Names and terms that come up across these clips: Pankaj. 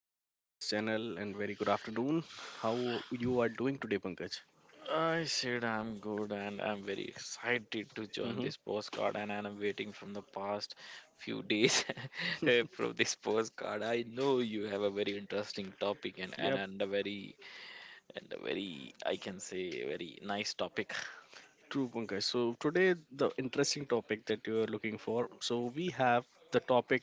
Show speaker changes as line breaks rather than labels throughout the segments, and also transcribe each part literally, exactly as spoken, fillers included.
to my podcast channel and very good afternoon. How you are doing today, Pankaj?
I said I'm good and I'm very excited to join
Mm-hmm.
this postcard and I'm waiting from the past few days eh, from this postcard. I know you have a very interesting topic and, and,
Yep,
and a very and a very I can say, very nice topic.
true, Pankaj. So today, the interesting topic that you are looking for. So we have the topic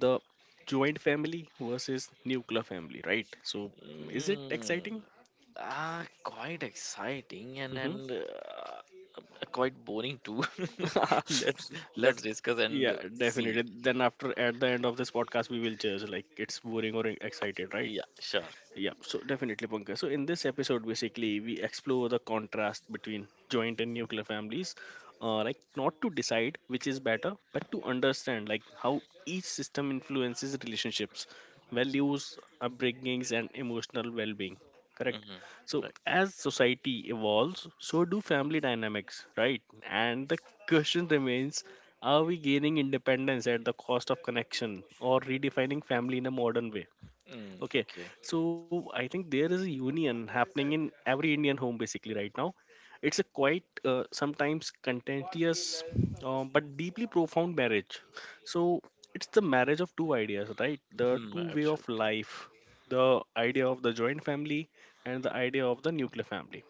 the joint family versus nuclear family, right? So is it
Mm,
exciting?
ah, Quite exciting and and uh, quite boring too. let's
Mm-hmm.
let's
Let's,
discuss
yeah,
and see.
definitely. Then after at the end of this podcast, we will judge like it's boring or excited, right?
Yeah, sure.
Yeah, so definitely, Pankaj. So in this episode, basically, we explore the contrast between joint and nuclear families, uh, like not to decide which is better, but to understand like how each system influences relationships, values, upbringings, and emotional well-being. Correct.
hmm
So
Right.
as society evolves, so do family dynamics, right? And the question remains: are we gaining independence at the cost of connection, or redefining family in a modern way?
Mm,
Okay,
okay.
so I think there is a union happening in every Indian home basically right now. It's a quite uh, sometimes contentious uh, but deeply profound marriage. So it's the marriage of two ideas, right? The
Mm,
two way of
absolutely.
life, the idea of the joint family and the idea of the nuclear family.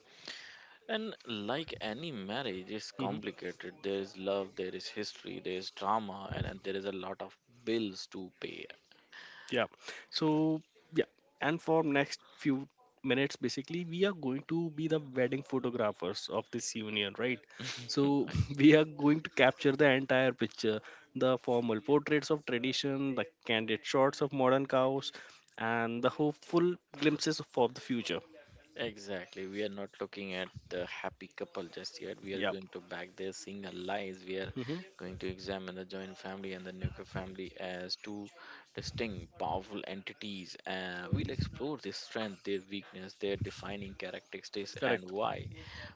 And like any marriage, it's
Mhm.
complicated. There is love, there is history, there is drama, and, and there is a lot of bills to pay.
Yeah. So yeah, and for next few minutes, basically, we are going to be the wedding photographers of this union, right? So
right.
we are going to capture the entire picture, the formal portraits of tradition, the candid shots of modern cows, and the hopeful glimpses for the future.
Exactly. We are not looking at the happy couple just yet. We are
Yeah.
going to back their single lives. We are
Hmm.
going to examine the joint family and the nuclear family as two distinct, powerful entities. Uh, we'll explore their strength, their weakness, their defining characteristics, and
Correct.
why,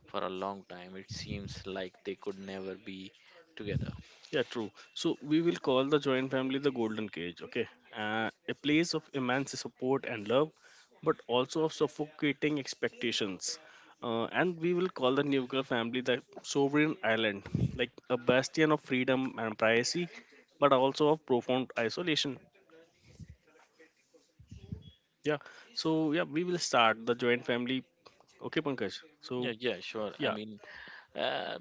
for a long time, it seems like they could never be together.
Yeah, true. So we will call the joint family the golden cage, okay? Uh, a place of immense support and love, but also of suffocating expectations. Uh, and we will call the nuclear family the sovereign island, like a bastion of freedom and privacy, but also of profound isolation. Yeah. So yeah, we will start the joint family. Okay, Pankaj. So,
Yeah, yeah, sure. I
yeah.
mean, uh,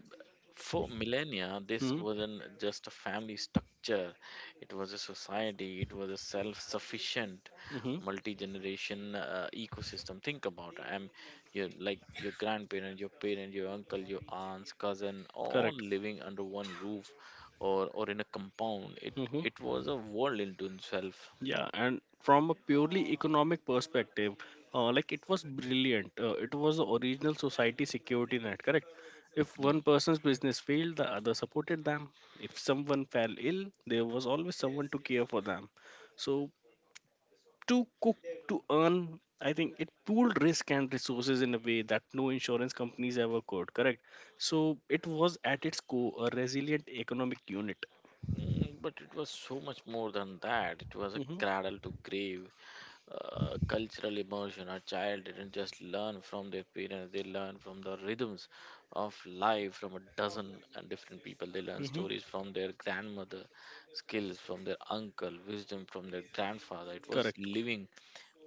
for millennia, this
Hmm.
wasn't just a family structure, it was a society, it was a self sufficient
Hmm.
multi generation uh, ecosystem. Think about it. I'm you like your grandparents, your parents, your uncle, your aunts, cousin, all
Correct.
living under one roof or, or in a compound. It,
Hmm.
it was a world into itself.
Yeah, and from a purely economic perspective, uh, like it was brilliant. Uh, it was the original society security net, correct? If
Hmm.
one person's business failed, the other supported them. If someone fell ill, there was always someone to care for them. So to cook, to earn, I think it pooled risk and resources in a way that no insurance companies ever could, correct? So it was at its core a resilient economic unit.
Mm, but it was so much more than that. It was a
Hmm.
cradle to grave uh, cultural immersion. A child didn't just learn from their parents, they learned from the rhythms of life from a dozen and different people. They learn
Hmm.
stories from their grandmother, skills from their uncle, wisdom from their grandfather. It was
Correct.
living,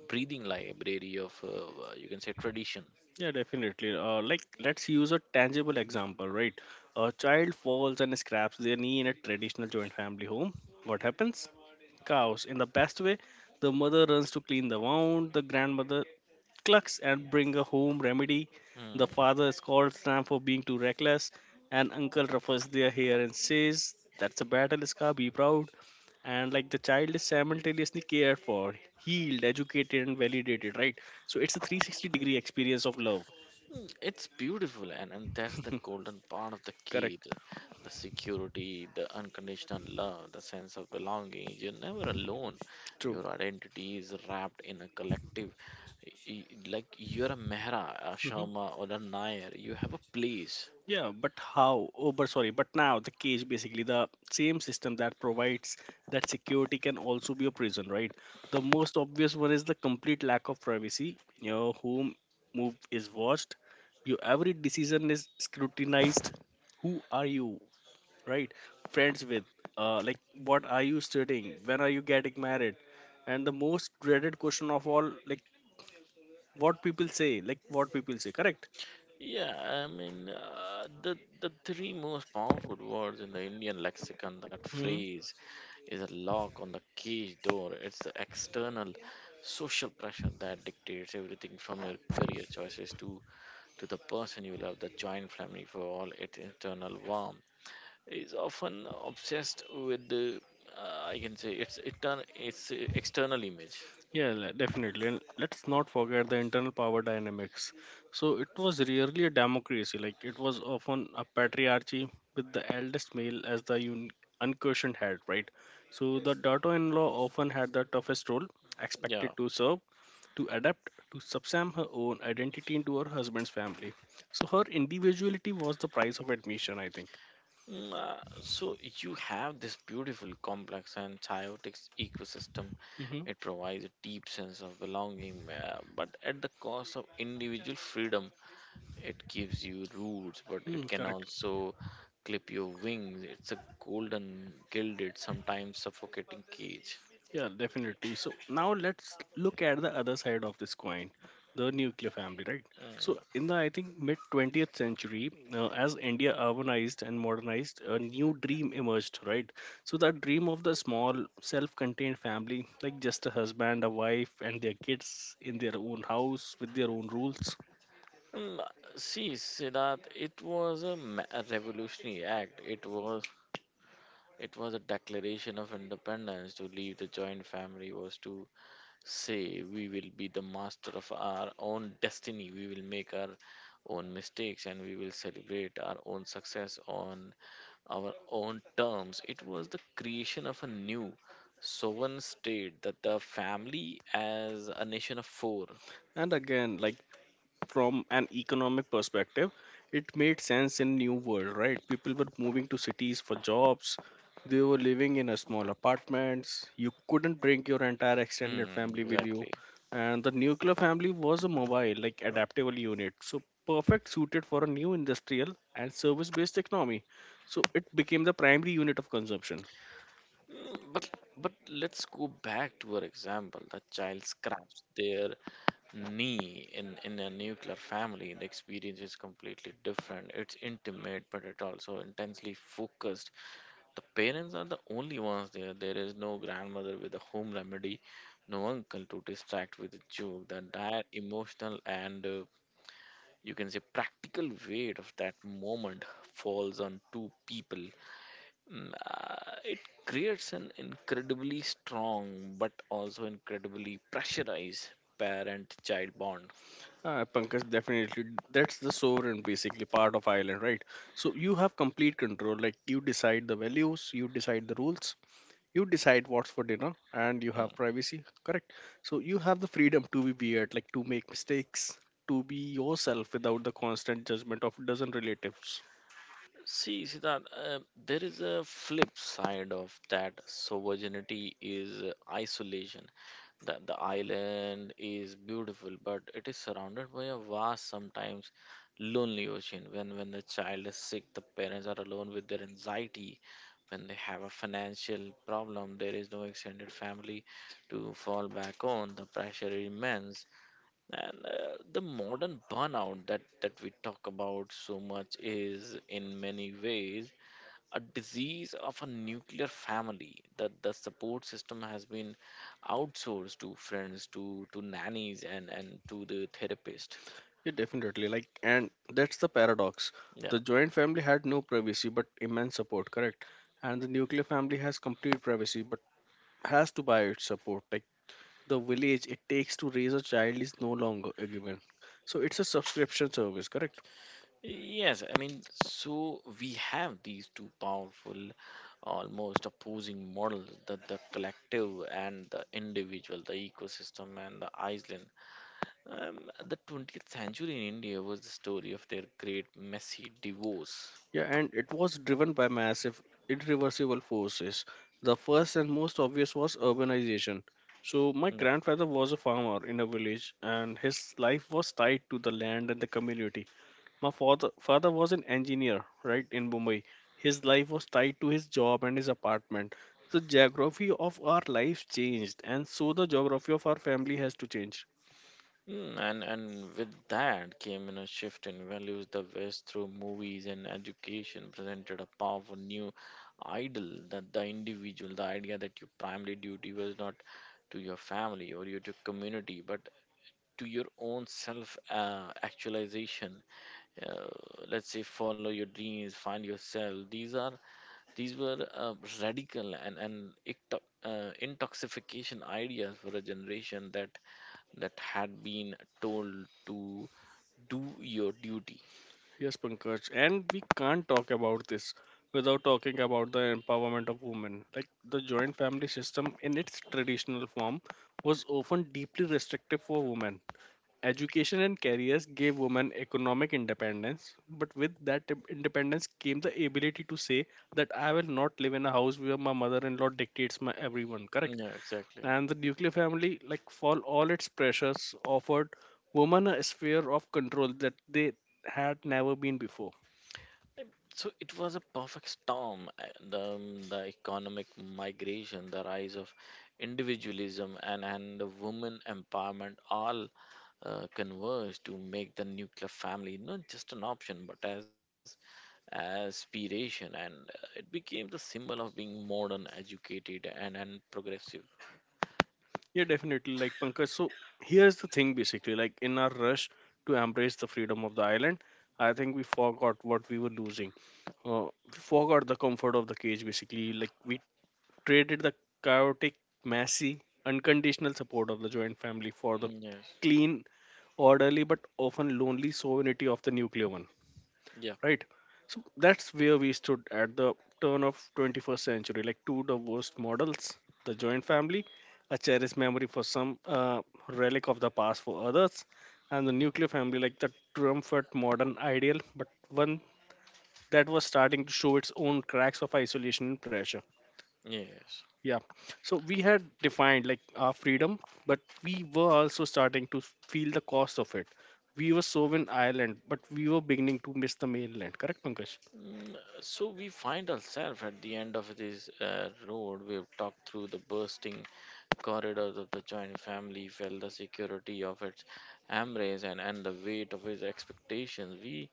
breathing library of, uh, you can say, tradition.
Yeah, definitely. Uh, like, let's use a tangible example, right? A child falls and scraps their knee in a traditional joint family home. What happens? Chaos in the best way. The mother runs to clean the wound, the grandmother clucks and bring a home remedy. The
Hmm.
father scolds Sam for being too reckless, and uncle ruffles their hair and says, "That's a battle scar, be proud." And like the child is simultaneously cared for, healed, educated, and validated, right? So it's a three hundred sixty degree experience of love.
Mm, It's beautiful, and, and that's the golden part of the key
Correct.
the, the security, the unconditional love, the sense of belonging. You're never alone.
True.
Your identity is wrapped in a collective. y- y- Like you're a Mehra, a
Mm-hmm.
Sharma, or a Nair. You have a place.
Yeah, but how? Oh, but sorry, but now the cage basically the same system that provides that security can also be a prison, right? The most obvious one is the complete lack of privacy. Your home move is watched, your every decision is scrutinized. Who are you, right? Friends with, uh, like what are you studying? When are you getting married? And the most dreaded question of all, like what people say, like what people say, correct?
Yeah, I mean, uh, the, the three most powerful words in the Indian lexicon that
Hmm.
phrase is a lock on the cage door. It's the external social pressure that dictates everything from your career choices to, to the person you love, the joint family for all its internal warmth. Is often obsessed with the, uh, I can say, its, etern- its uh, external image.
Yeah, le- definitely. And let's not forget the internal power dynamics. So it was rarely a democracy, like it was often a patriarchy with the eldest male as the un- unquestioned head, right? So the daughter in law often had the toughest role,
Yeah.
expected to serve, to adapt, to subsume her own identity into her husband's family. So her individuality was the price of admission, I think.
Mm, uh, So you have this beautiful, complex, and chaotic s- ecosystem. It provides a deep sense of belonging, uh, but at the cost of individual freedom. It gives you roots, but
Mm-hmm.
it can also clip your wings. It's a golden, gilded, sometimes suffocating cage.
Yeah, definitely. So now let's look at the other side of this coin, the nuclear family, right? So
Mm.
in the, I think, mid twentieth century, uh, as India urbanized and modernized, a new dream emerged, right? So that dream of the small, self-contained family, like just a husband, a wife, and their kids in their own house with their own rules.
Mm, See, Siddharth, it was a, ma- a revolutionary act. It was it was a declaration of independence. To leave the joint family was to say we will be the master of our own destiny. We will make our own mistakes and we will celebrate our own success on our own terms. It was the creation of a new sovereign state that the family as a nation of four.
And again, like from an economic perspective, it made sense in new world, right? People were moving to cities for jobs, they were living in a small apartments, you couldn't bring your entire extended
Mm,
family with you,
exactly.
and the nuclear family was a mobile, like adaptable unit, so perfect suited for a new industrial and service based economy. So it became the primary unit of consumption.
Mm, But but let's go back to our example. The child scraps their knee in, in a nuclear family. The experience is completely different. It's intimate, but it also intensely focused. The parents are the only ones there. There is no grandmother with a home remedy, no uncle to distract with a joke. The entire emotional and, uh, you can say, practical weight of that moment falls on two people. Mm, uh, it creates an incredibly strong but also incredibly pressurized parent child bond.
Uh, Pankaj, definitely. That's the sovereign, basically, part of Ireland, right? So you have complete control. Like, you decide the values, you decide the rules, you decide what's for dinner, and you have
Mm.
privacy, correct? So you have the freedom to be weird, like, to make mistakes, to be yourself without the constant judgment of dozen relatives.
See, Siddharth, uh, there is a flip side of that. So virginity is uh, isolation. That the island is beautiful, but it is surrounded by a vast, sometimes lonely ocean. When when the child is sick, the parents are alone with their anxiety. When they have a financial problem, there is no extended family to fall back on. The pressure is immense. And uh, the modern burnout that, that we talk about so much is, in many ways, a disease of a nuclear family that the support system has been outsourced to friends, to, to nannies, and, and to the therapist.
Yeah, definitely. Like, and that's the paradox.
Yeah.
The joint family had no privacy but immense support, correct? And the nuclear family has complete privacy but has to buy its support. Like, the village it takes to raise a child is no longer a given. So it's a subscription service, correct?
Yes, I mean, so we have these two powerful, almost opposing models, the, the collective and the individual, the ecosystem and the island. Um, the twentieth century in India was the story of their great messy divorce.
Yeah, and it was driven by massive, irreversible forces. The first and most obvious was urbanization. So my
No.
grandfather was a farmer in a village, and his life was tied to the land and the community. My father father was an engineer, right, in Mumbai. His life was tied to his job and his apartment. The geography of our lives changed, and so the geography of our family has to change.
Mm, and and with that came in a shift in values. The West, through movies and education, presented a powerful new ideal that the individual, the idea that your primary duty was not to your family or your to community, but to your own self uh, actualization. Uh, let's say follow your dreams, find yourself. These are These were uh, radical and, and icto- uh, intoxication ideas for a generation that that had been told to do your duty.
Yes, Pankaj, and we can't talk about this without talking about the empowerment of women. Like, the joint family system in its traditional form was often deeply restrictive for women. Education and careers gave women economic independence, but with that i- independence came the ability to say that I will not live in a house where my mother-in-law dictates my everyone, correct?
Yeah, exactly.
And the nuclear family, like for all its pressures, offered women a sphere of control that they had never been before.
Um, So it was a perfect storm. uh, The, um, the economic migration, the rise of individualism, and, and the woman empowerment all uh, converged to make the nuclear family not just an option but as aspiration, and uh, it became the symbol of being modern, educated, and, and progressive.
Yeah, definitely. Like Pankaj, so here's the thing basically, like in our rush to embrace the freedom of the island, I think we forgot what we were losing. Uh, we forgot the comfort of the cage basically. Like, we traded the chaotic, messy, unconditional support of the joint family for the
Yes.
clean, orderly, but often lonely sovereignty of the nuclear one,
Yeah.
right? So that's where we stood at the turn of twenty-first century, like two divorced models. The joint family, a cherished memory for some, uh, relic of the past for others, and the nuclear family, like the triumphant modern ideal, but one that was starting to show its own cracks of isolation and pressure.
Yes.
Yeah, so we had defined like our freedom, but we were also starting to feel the cost of it. We were so in Ireland, but we were beginning to miss the mainland, correct, Pankaj?
Mm, so we find ourselves at the end of this uh, road. We've talked through the bursting corridors of the joint family, felt the security of its embrace, and, and the weight of its expectations. we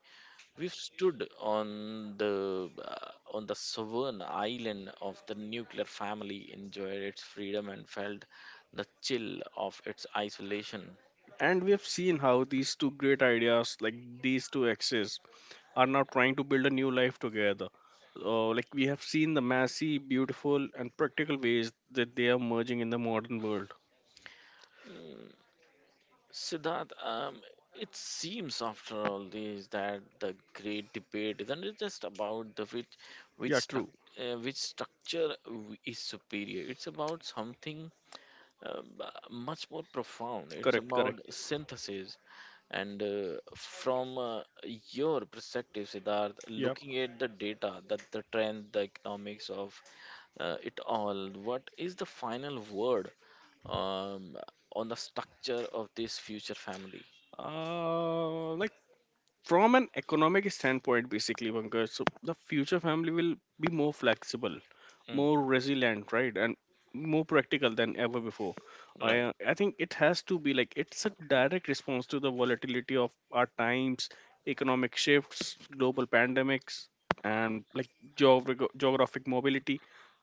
We've stood on the uh, on the sovereign island of the nuclear family, enjoyed its freedom, and felt the chill of its isolation.
And we have seen how these two great ideas, like these two exes, are now trying to build a new life together. Uh, like, we have seen the messy, beautiful, and practical ways that they are merging in the modern world.
Mm, Siddharth, um, it seems after all this that the great debate isn't it just about the which which
Yeah,
struc-
true.
uh, which structure w- is superior? It's about something, um, much more profound. It's
Correct,
about
correct.
synthesis. And uh, from uh, your perspective, Siddharth,
Yeah.
looking at the data, that the trend, the economics of uh, it all, what is the final word, um, on the structure of this future family?
Uh, like, from an economic standpoint basically, Pankaj, so the future family will be more flexible,
Mm,
more resilient, right, and more practical than ever before. i
right.
uh, i think it has to be, like it's a direct response to the volatility of our times. Economic shifts, global pandemics, and like geographic geographic mobility.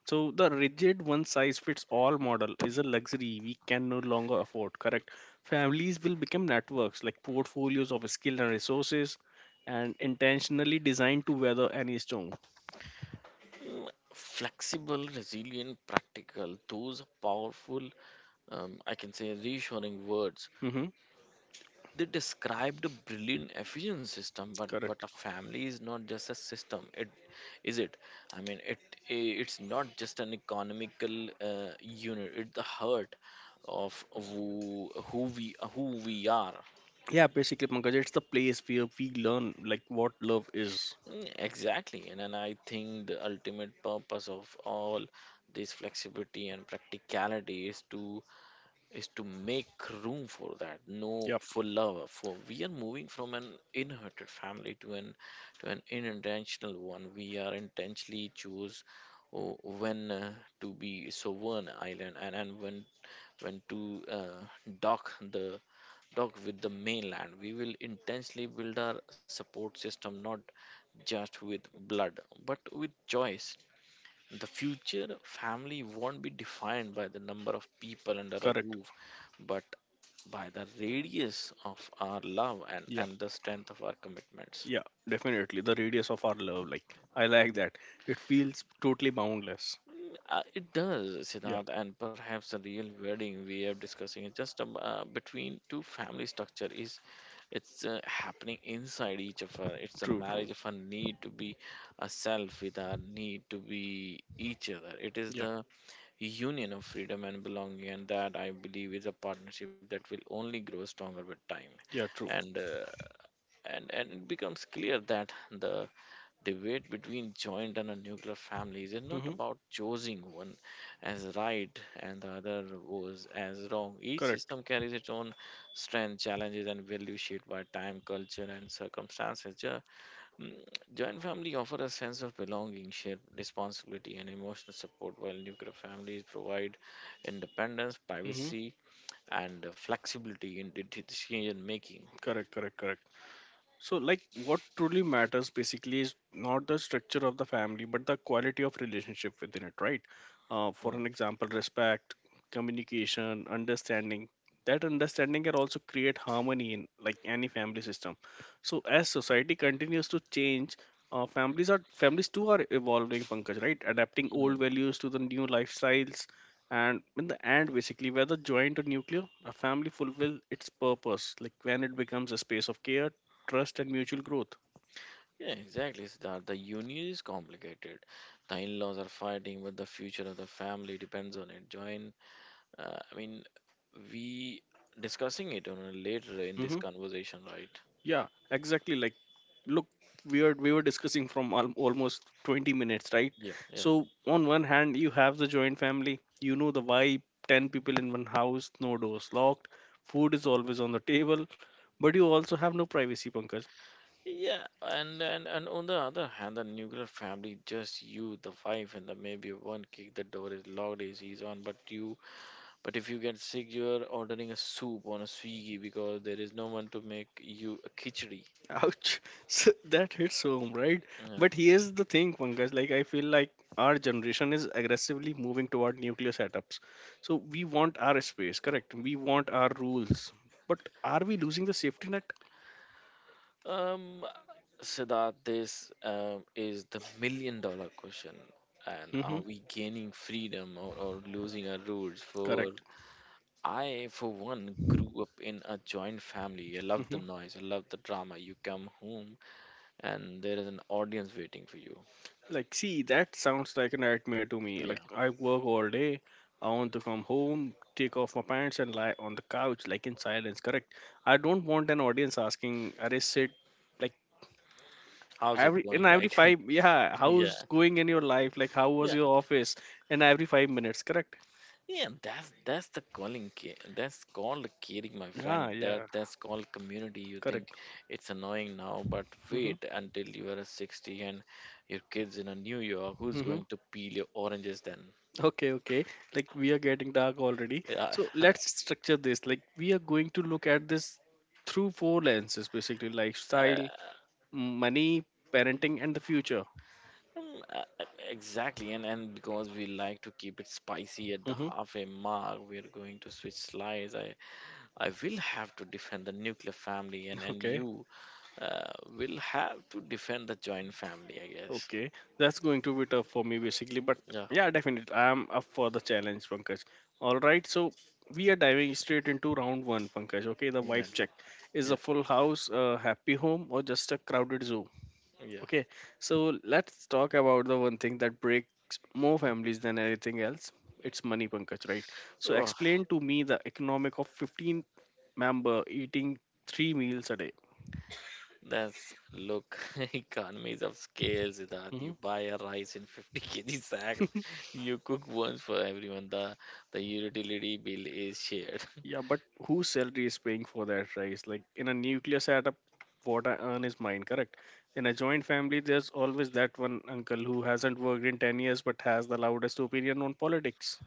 So the rigid one size fits all model is a luxury we can no longer afford, correct? Families will become networks, like portfolios of skill and resources, and intentionally designed to weather any storm.
Mm, Flexible, resilient, practical. Those are powerful, um, I can say, reassuring words.
Hmm.
They described a brilliant efficient system, but but a
Correct.
family is not just a system. It is it. I mean, it i- it's not just an economical uh, unit. It's the heart of who who we who we are.
Yeah, basically, Pankaj, it's the place where we learn like what love is.
Mm, Exactly, and then I think the ultimate purpose of all this flexibility and practicality is to is to make room for that, no,
Yep,
for love, for we are moving from an inherited family to an to an unintentional one. We are intentionally choose, oh, when uh, to be sovereign island, and, and when when to uh, dock the dock with the mainland. We will intensely build our support system not just with blood but with choice. The future family won't be defined by the number of people under a
correct.
roof, but by the radius of our love and,
Yeah,
and the strength of our commitments.
yeah, definitely. The radius of our love, like I like that. It feels totally boundless.
Uh, it does,
Yeah,
Siddharth, and perhaps the real wedding we are discussing is just, um, uh, between two family structure, is it's uh, happening inside each of her. It's a
true, true.
marriage of a need to be a self with our need to be each other. It is
Yeah,
the union of freedom and belonging, and that I believe is a partnership that will only grow stronger with time.
yeah, true.
And uh, and and it becomes clear that the debate between joint and a nuclear families is not
Hmm.
about choosing one as right and the other was as wrong. Each
Correct.
system carries its own strengths, challenges, and value, shaped by time, culture, and circumstances. Jo- mm, Joint family offer a sense of belonging, shared responsibility, and emotional support, while nuclear families provide independence,
Hmm.
privacy, and uh, flexibility in de- decision making.
Correct, correct, correct. So, like, what truly matters basically is not the structure of the family, but the quality of relationship within it, right? Uh, for
Mm,
an example, respect, communication, understanding. That understanding can also create harmony in like any family system. So as society continues to change, uh, families are families too are evolving, Pankaj, right? Adapting old
mm.
values to the new lifestyles, and in the end, basically, whether joint or nuclear, a family fulfill its purpose. Like, when it becomes a space of care, trust, and mutual growth.
Yeah, exactly, Siddharth. The union is complicated. The in-laws are fighting, but the future of the family depends on it. Join, uh, I mean, we discussing it on a later in this
Hmm.
conversation, right?
Yeah, exactly. Like, look, we are we were discussing from al- almost twenty minutes, right?
Yeah, yeah.
So on one hand you have the joint family, you know the vibe, ten people in one house, no doors locked, food is always on the table, but you also have no privacy, Pankaj.
Yeah, and, and and on the other hand, the nuclear family, just you, the wife, and the maybe one kid. The door is locked, A C is on, but you, but if you get sick, you're ordering a soup on a Swiggy because there is no one to make you a khichdi.
Ouch. So that hits home, right?
Yeah.
But here's the thing, Pankaj. like I feel like our generation is aggressively moving toward nuclear setups. So we want our space, correct? We want our rules. But are we losing the safety net?
Um, Siddharth, this, um, is the million dollar question. And
Mm-hmm.
are we gaining freedom or, or losing our rules? For
Correct.
I, for one, grew up in a joint family. I love the
Mm-hmm.
noise, I love the drama. You come home and there is an audience waiting for you.
Like, see, that sounds like a nightmare to me. Like,
Yeah.
I work all day. I want to come home, take off my pants, and lie on the couch, like in silence, correct? I don't want an audience asking, are sit? Like,
How's it
every in
going?
every
Like,
five, yeah, how's
yeah,
going in your life, like how was
yeah.
your office in every five minutes, correct?
Yeah, that's that's the calling. ca- That's called caring, my friend.
Yeah,
That
yeah,
that's called community. You
correct.
think it's annoying now, but
Mm-hmm,
wait until you are sixty and your kids in a New York. Who's
mm-hmm.
going to peel your oranges then?
Okay, okay, like we are getting dark already.
Yeah,
So
uh,
let's structure this, like we are going to look at this through four lenses, basically: lifestyle, money, parenting, and the future.
um, uh, uh, exactly. And and because we like to keep it spicy at the
Mm-hmm.
halfway mark, we're going to switch slides. I I will have to defend the nuclear family, and and
Okay.
you uh, will have to defend the joint family, I guess.
Okay, that's going to be tough for me basically, but
Yeah.
yeah, definitely. I am up for the challenge, Pankaj. All right, so we are diving straight into round one, Pankaj. Okay, the
Yeah,
vibe check is a
yeah,
full house, a happy home, or just a crowded zoo?
yeah.
Okay, so let's talk about the one thing that breaks more families than anything else. It's money, Pankaj, right? So
Oh,
explain to me the economic of fifteen member eating three meals a day.
that's look, economies of scales that
Hmm.
you buy a rice in fifty k g sack, you cook once for everyone. The the utility bill is shared.
Yeah, but whose salary is paying for that rise? Like in a nuclear setup, what I earn is mine, correct? In a joint family, there's always that one uncle who hasn't worked in ten years but has the loudest opinion on politics.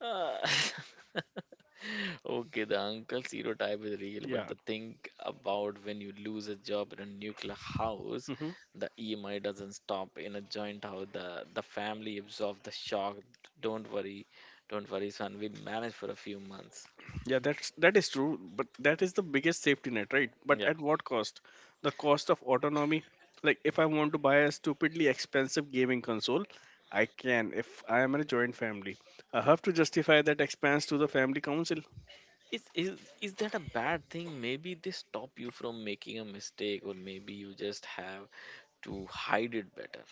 Ah, okay, the uncle stereotype is real, but
Yeah.
the thing about when you lose a job in a nuclear house,
Hmm.
the E M I doesn't stop in a joint house. The the family absorbs the shock. Don't worry, don't worry, son. We'll manage for a few months.
Yeah, that's that is true, but that is the biggest safety net, right? But
Yeah.
at what cost? The cost of autonomy. Like if I want to buy a stupidly expensive gaming console, I can if I am in a joint family. I have to justify that expense to the family council.
Is is is that a bad thing? Maybe they stop you from making a mistake, or maybe you just have to hide it better.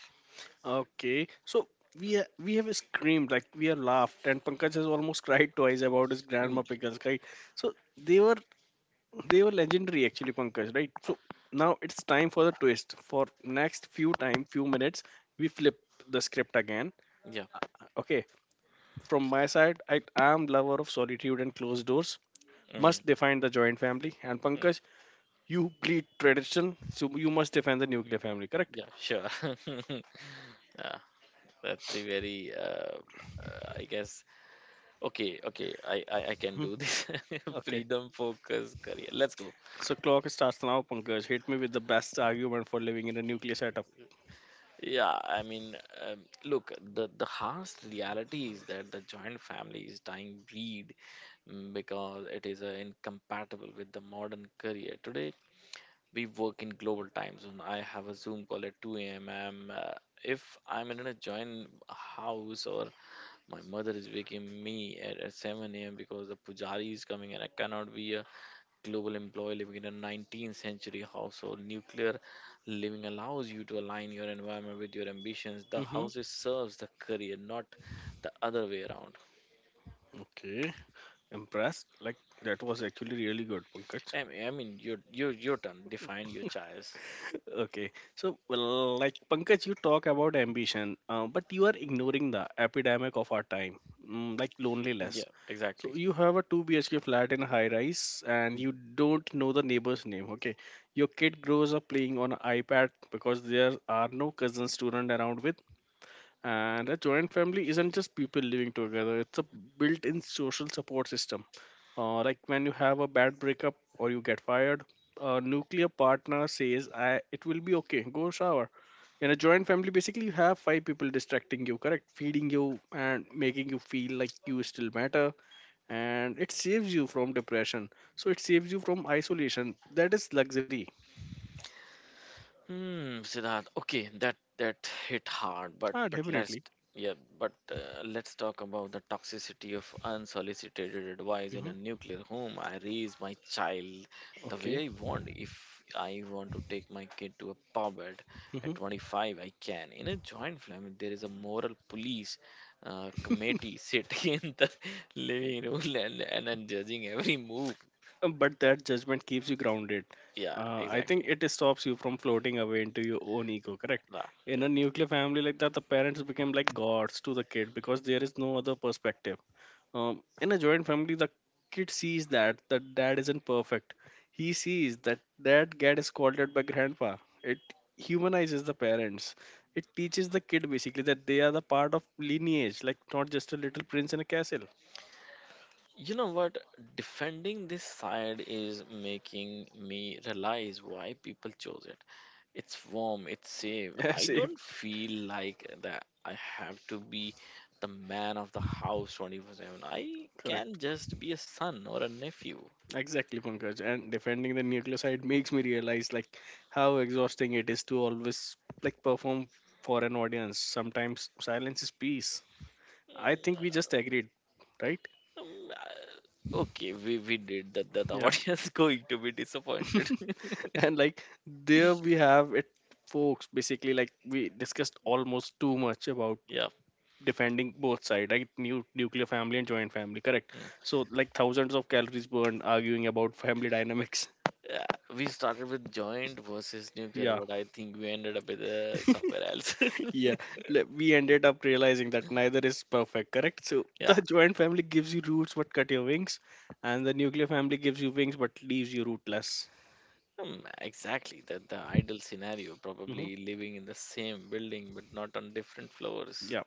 Okay, so we ha- we have screamed, like we have laughed, and Pankaj has almost cried twice about his
Mm,
grandma pickles, right? So they were they were legendary actually, Pankaj, right? So now it's time for the twist. For next few time, few minutes, we flip the script again.
yeah.
Okay, from my side, I am lover of solitude and closed doors.
Mm,
Must define the joint family, and
mm,
Pankaj, you bleed tradition, so you must defend the nuclear family, correct?
yeah. Sure. yeah, that's a very. Uh, uh, I guess. Okay. Okay. I I, I can
Hmm.
do this.
Okay.
Freedom focus, career. Let's go.
So clock starts now, Pankaj. Hit me with the best argument for living in a nuclear setup.
Yeah. I mean, um, look. The the harsh reality is that the joint family is dying breed mm, because it is uh, incompatible with the modern career today. We work in global time zone. I have a Zoom call at two a m am uh, if I'm in a joint house or my mother is waking me at, at seven a m because the pujari is coming and I cannot be a global employee living in a nineteenth century household. Nuclear living allows you to align your environment with your ambitions. The
Hmm.
house is- serves the career, not the other way around.
Okay, impressed. Like that was actually really good, Pankaj.
I mean, I mean your, your, your turn. Define your choice.
Okay, so well, like Pankaj, you talk about ambition, uh, but you are ignoring the epidemic of our time, mm, like
Yeah,
loneliness.
exactly.
So you have a two B H K flat in a high rise, and you don't know the neighbor's name. Okay, your kid grows up playing on an iPad because there are no cousin student around with. And a joint family isn't just people living together, it's a built in social support system. Uh, like when you have a bad breakup or you get fired, a nuclear partner says, I, it will be okay, go shower. In a joint family, basically, you have five people distracting you, correct? Feeding you and making you feel like you still matter. And it saves you from depression. So it saves you from isolation. That is luxury.
Hmm, Siddharth. Okay, that that hit hard, but
Ah,
but let's
definitely.
yeah, but uh, let's talk about the toxicity of unsolicited advice in
Hmm.
a nuclear home. I raise my child the way
Okay.
I want. If I want to take my kid to a pub at,
Mm-hmm.
at twenty-five, I can. In a joint family, there is a moral police uh, committee sitting in the living room and, and, and judging every move.
Um, But that judgment keeps you grounded.
Yeah,
Uh, I think
exactly.
it stops you from floating away into your own ego, correct?
Yeah,
In
yeah.
a nuclear family like that, the parents become like gods to the kid because there is no other perspective. Um, in a joint family, the kid sees that the dad isn't perfect. He sees that dad gets scolded by grandpa. It humanizes the parents. It teaches the kid basically that they are the part of lineage, like not just a little prince in a castle.
You know what? Defending this side is making me realize why people chose it. It's warm, it's safe. I
Yes, if
don't feel like that I have to be the man of the house twenty-four seven. I
correct.
can just be a son or a nephew.
Exactly, Pankaj. And defending the nucleoside makes me realize like how exhausting it is to always like perform for an audience. Sometimes silence is peace. I
Mm,
think we just
uh,
agreed, right?
um, uh, Okay, we, we did that. The, the
Yeah.
audience going to be disappointed.
And like there we have it, folks. Basically, like we discussed almost too much about
Yeah.
defending both sides, right? New nuclear family and joint family, correct?
Mm.
So like thousands of calories burned arguing about family dynamics.
Yeah, we started with joint versus nuclear,
Yeah.
but I think we ended up with uh, somewhere else.
Yeah, le- we ended up realizing that neither is perfect, correct? So
Yeah,
the joint family gives you roots but cut your wings, and the nuclear family gives you wings but leaves you rootless.
um, exactly. That the ideal scenario,
Hmm.
probably living in the same building but not on different floors.
Yeah,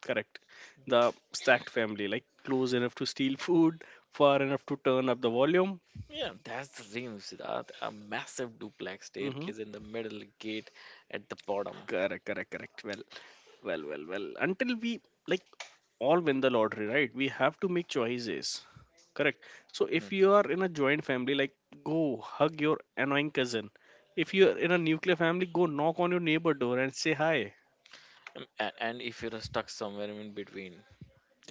correct. The stacked family, like close enough to steal food, far enough to turn up the volume.
Yeah, that's the dream, Siddharth. A massive duplex
Hmm.
staircase in the middle, gate at the bottom.
Correct, correct, correct. Well, well, well, well. Until we like all win the lottery, right? We have to make choices. Correct. So if
Mm.
you are in a joint family, like go hug your annoying cousin. If you are in a nuclear family, go knock on your neighbor door and say hi.
Um, a- And if you're stuck somewhere in between,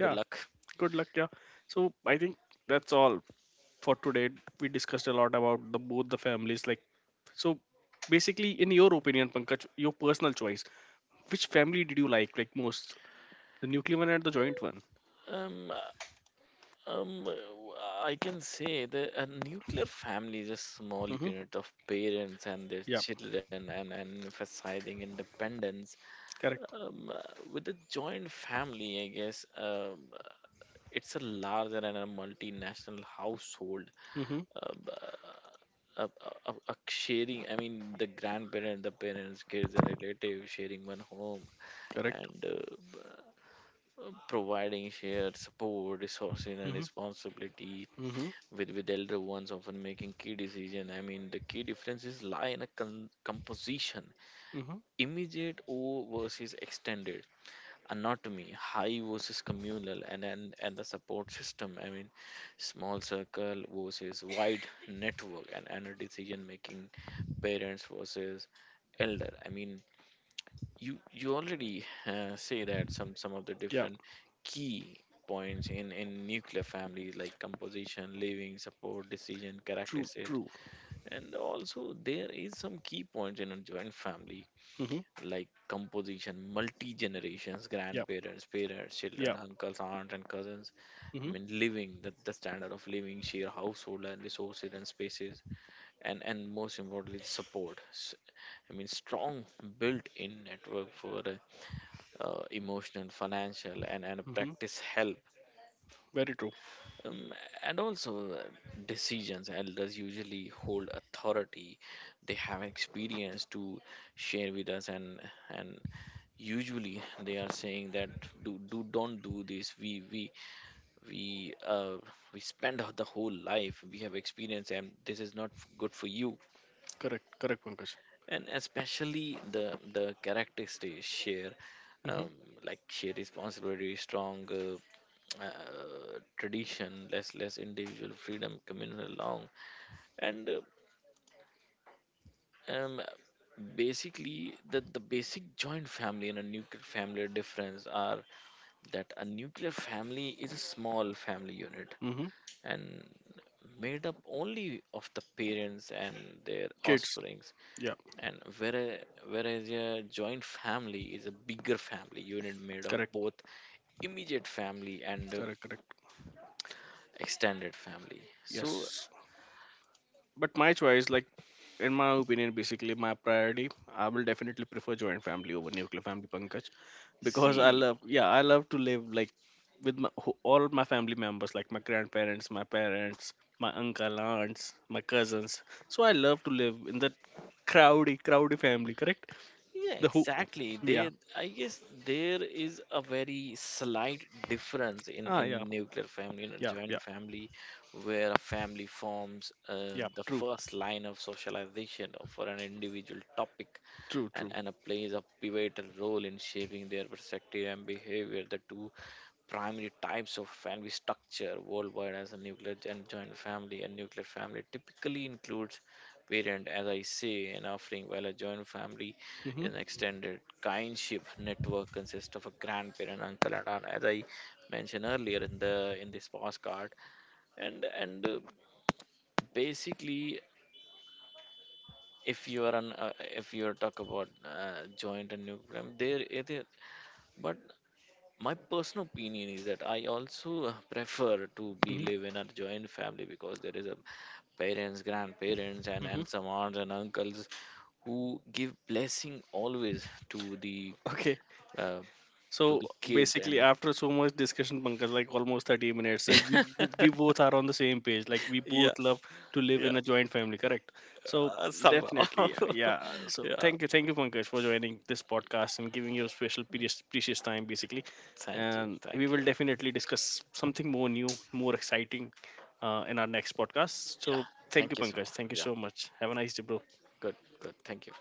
good luck.
Good luck, yeah. So I think that's all for today. We discussed a lot about the both the families. Like so basically in your opinion, Pankaj, your personal choice. Which family did you like like most? The nuclear one and the joint one?
Um, uh, um, uh, I can say that a nuclear family is a small
Mm-hmm.
unit of parents and their
Yeah,
children and, and emphasizing independence.
correct.
Um, uh, with a joint family, I guess um, uh, it's a larger and a multinational household.
Mhm.
Um, uh, uh, uh, uh, Sharing, I mean, the grandparents, the parents, kids, and relatives sharing one home
Correct.
and uh, b- uh, providing shared support, resources, and
Mm-hmm.
responsibility
Mm-hmm.
with with elder ones, often making key decision. I mean, the key differences lie in a con- composition,
Mm-hmm.
immediate O versus extended anatomy, high versus communal, and, and and the support system. I mean, small circle versus wide network, and and a decision making, parents versus elder. I mean, you you already uh, say that some some of the
Yeah.
different key points in in nuclear families like composition, living, support, decision,
True.
characteristic,
True.
and also there is some key points in a joint family
Mm-hmm.
like composition, multi generations,
Yeah.
grandparents, parents, children,
Yeah.
uncles, aunts, and cousins. I
Mm-hmm.
mean, living the, the standard of living, share household and resources and spaces, and and most importantly, support. S- I mean, strong built-in network for uh, uh, emotional, financial, and and
Mm-hmm.
practice help
Very true.
um, and also, uh, decisions elders usually hold authority. They have experience to share with us, and and usually they are saying that do do don't do this. We we we uh we spend the whole life we have experience, and this is not f- good for you
Correct. Correct, Pankaj.
and especially the the characters they share, um,
Mm-hmm.
like share responsibility strong uh, uh, tradition less less individual freedom communal long and uh, um, basically the, the basic joint family and a nuclear family difference are that a nuclear family is a small family unit
Mm-hmm.
and made up only of the parents and their
Kids.
offspring
Yeah.
and whereas, whereas a joint family is a bigger family unit made of
Correct.
both immediate family and uh,
Correct. Correct.
extended family so
Yes. But my choice, like in my opinion, basically my priority, I will definitely prefer joint family over nuclear family, Pankaj. Because I
see
love, yeah, I love to live like with my, who- all my family members like my grandparents, my parents, my uncle, aunts, my cousins. So I love to live in that crowdy crowdy family, correct?
yeah
The who?
exactly
Yeah.
they. I guess there is a very slight difference in
Ah,
in
yeah
nuclear family in a
yeah yeah
joint family where a family forms uh,
yeah
the
True,
first line of socialization for an individual topic
true
and
true.
Anna plays a pivotal role in shaping their perspective and behavior. The two primary types of family structure worldwide as a nuclear and joint family. A nuclear family typically includes parent, as I say, and offering, while a joint family
Mhm
is an extended kinship network consists of a grandparent, uncle, and aunt, as I mentioned earlier in the in this postcard. And and uh, Basically, if you are an uh, if you talk about uh, joint and nuclear, there it is. But my personal opinion is that I also uh, prefer to be
mhm
live in a joint family because there is a parents, grandparents, and
mhm
and some aunts and uncles who give blessing always to the
Okay.
uh, to
So
the kids
basically,
and
after so much discussion, Pankaj, like almost thirty minutes, uh, we bo- we both are on the same page. Like we
yeah
both love to live in
yeah
a joint family, correct? So
uh, somehow
definitely, yeah. So
yeah
thank you, thank you, Pankaj, for joining this podcast and giving your special precious, precious time, basically.
thank you
And we
thank you
will definitely discuss something more new, more exciting, uh, in our next podcast.
yeah
So thank you,
thank you so
Pankaj.
much
Thank you
yeah
so much. Have a nice day, bro.
good good thank you.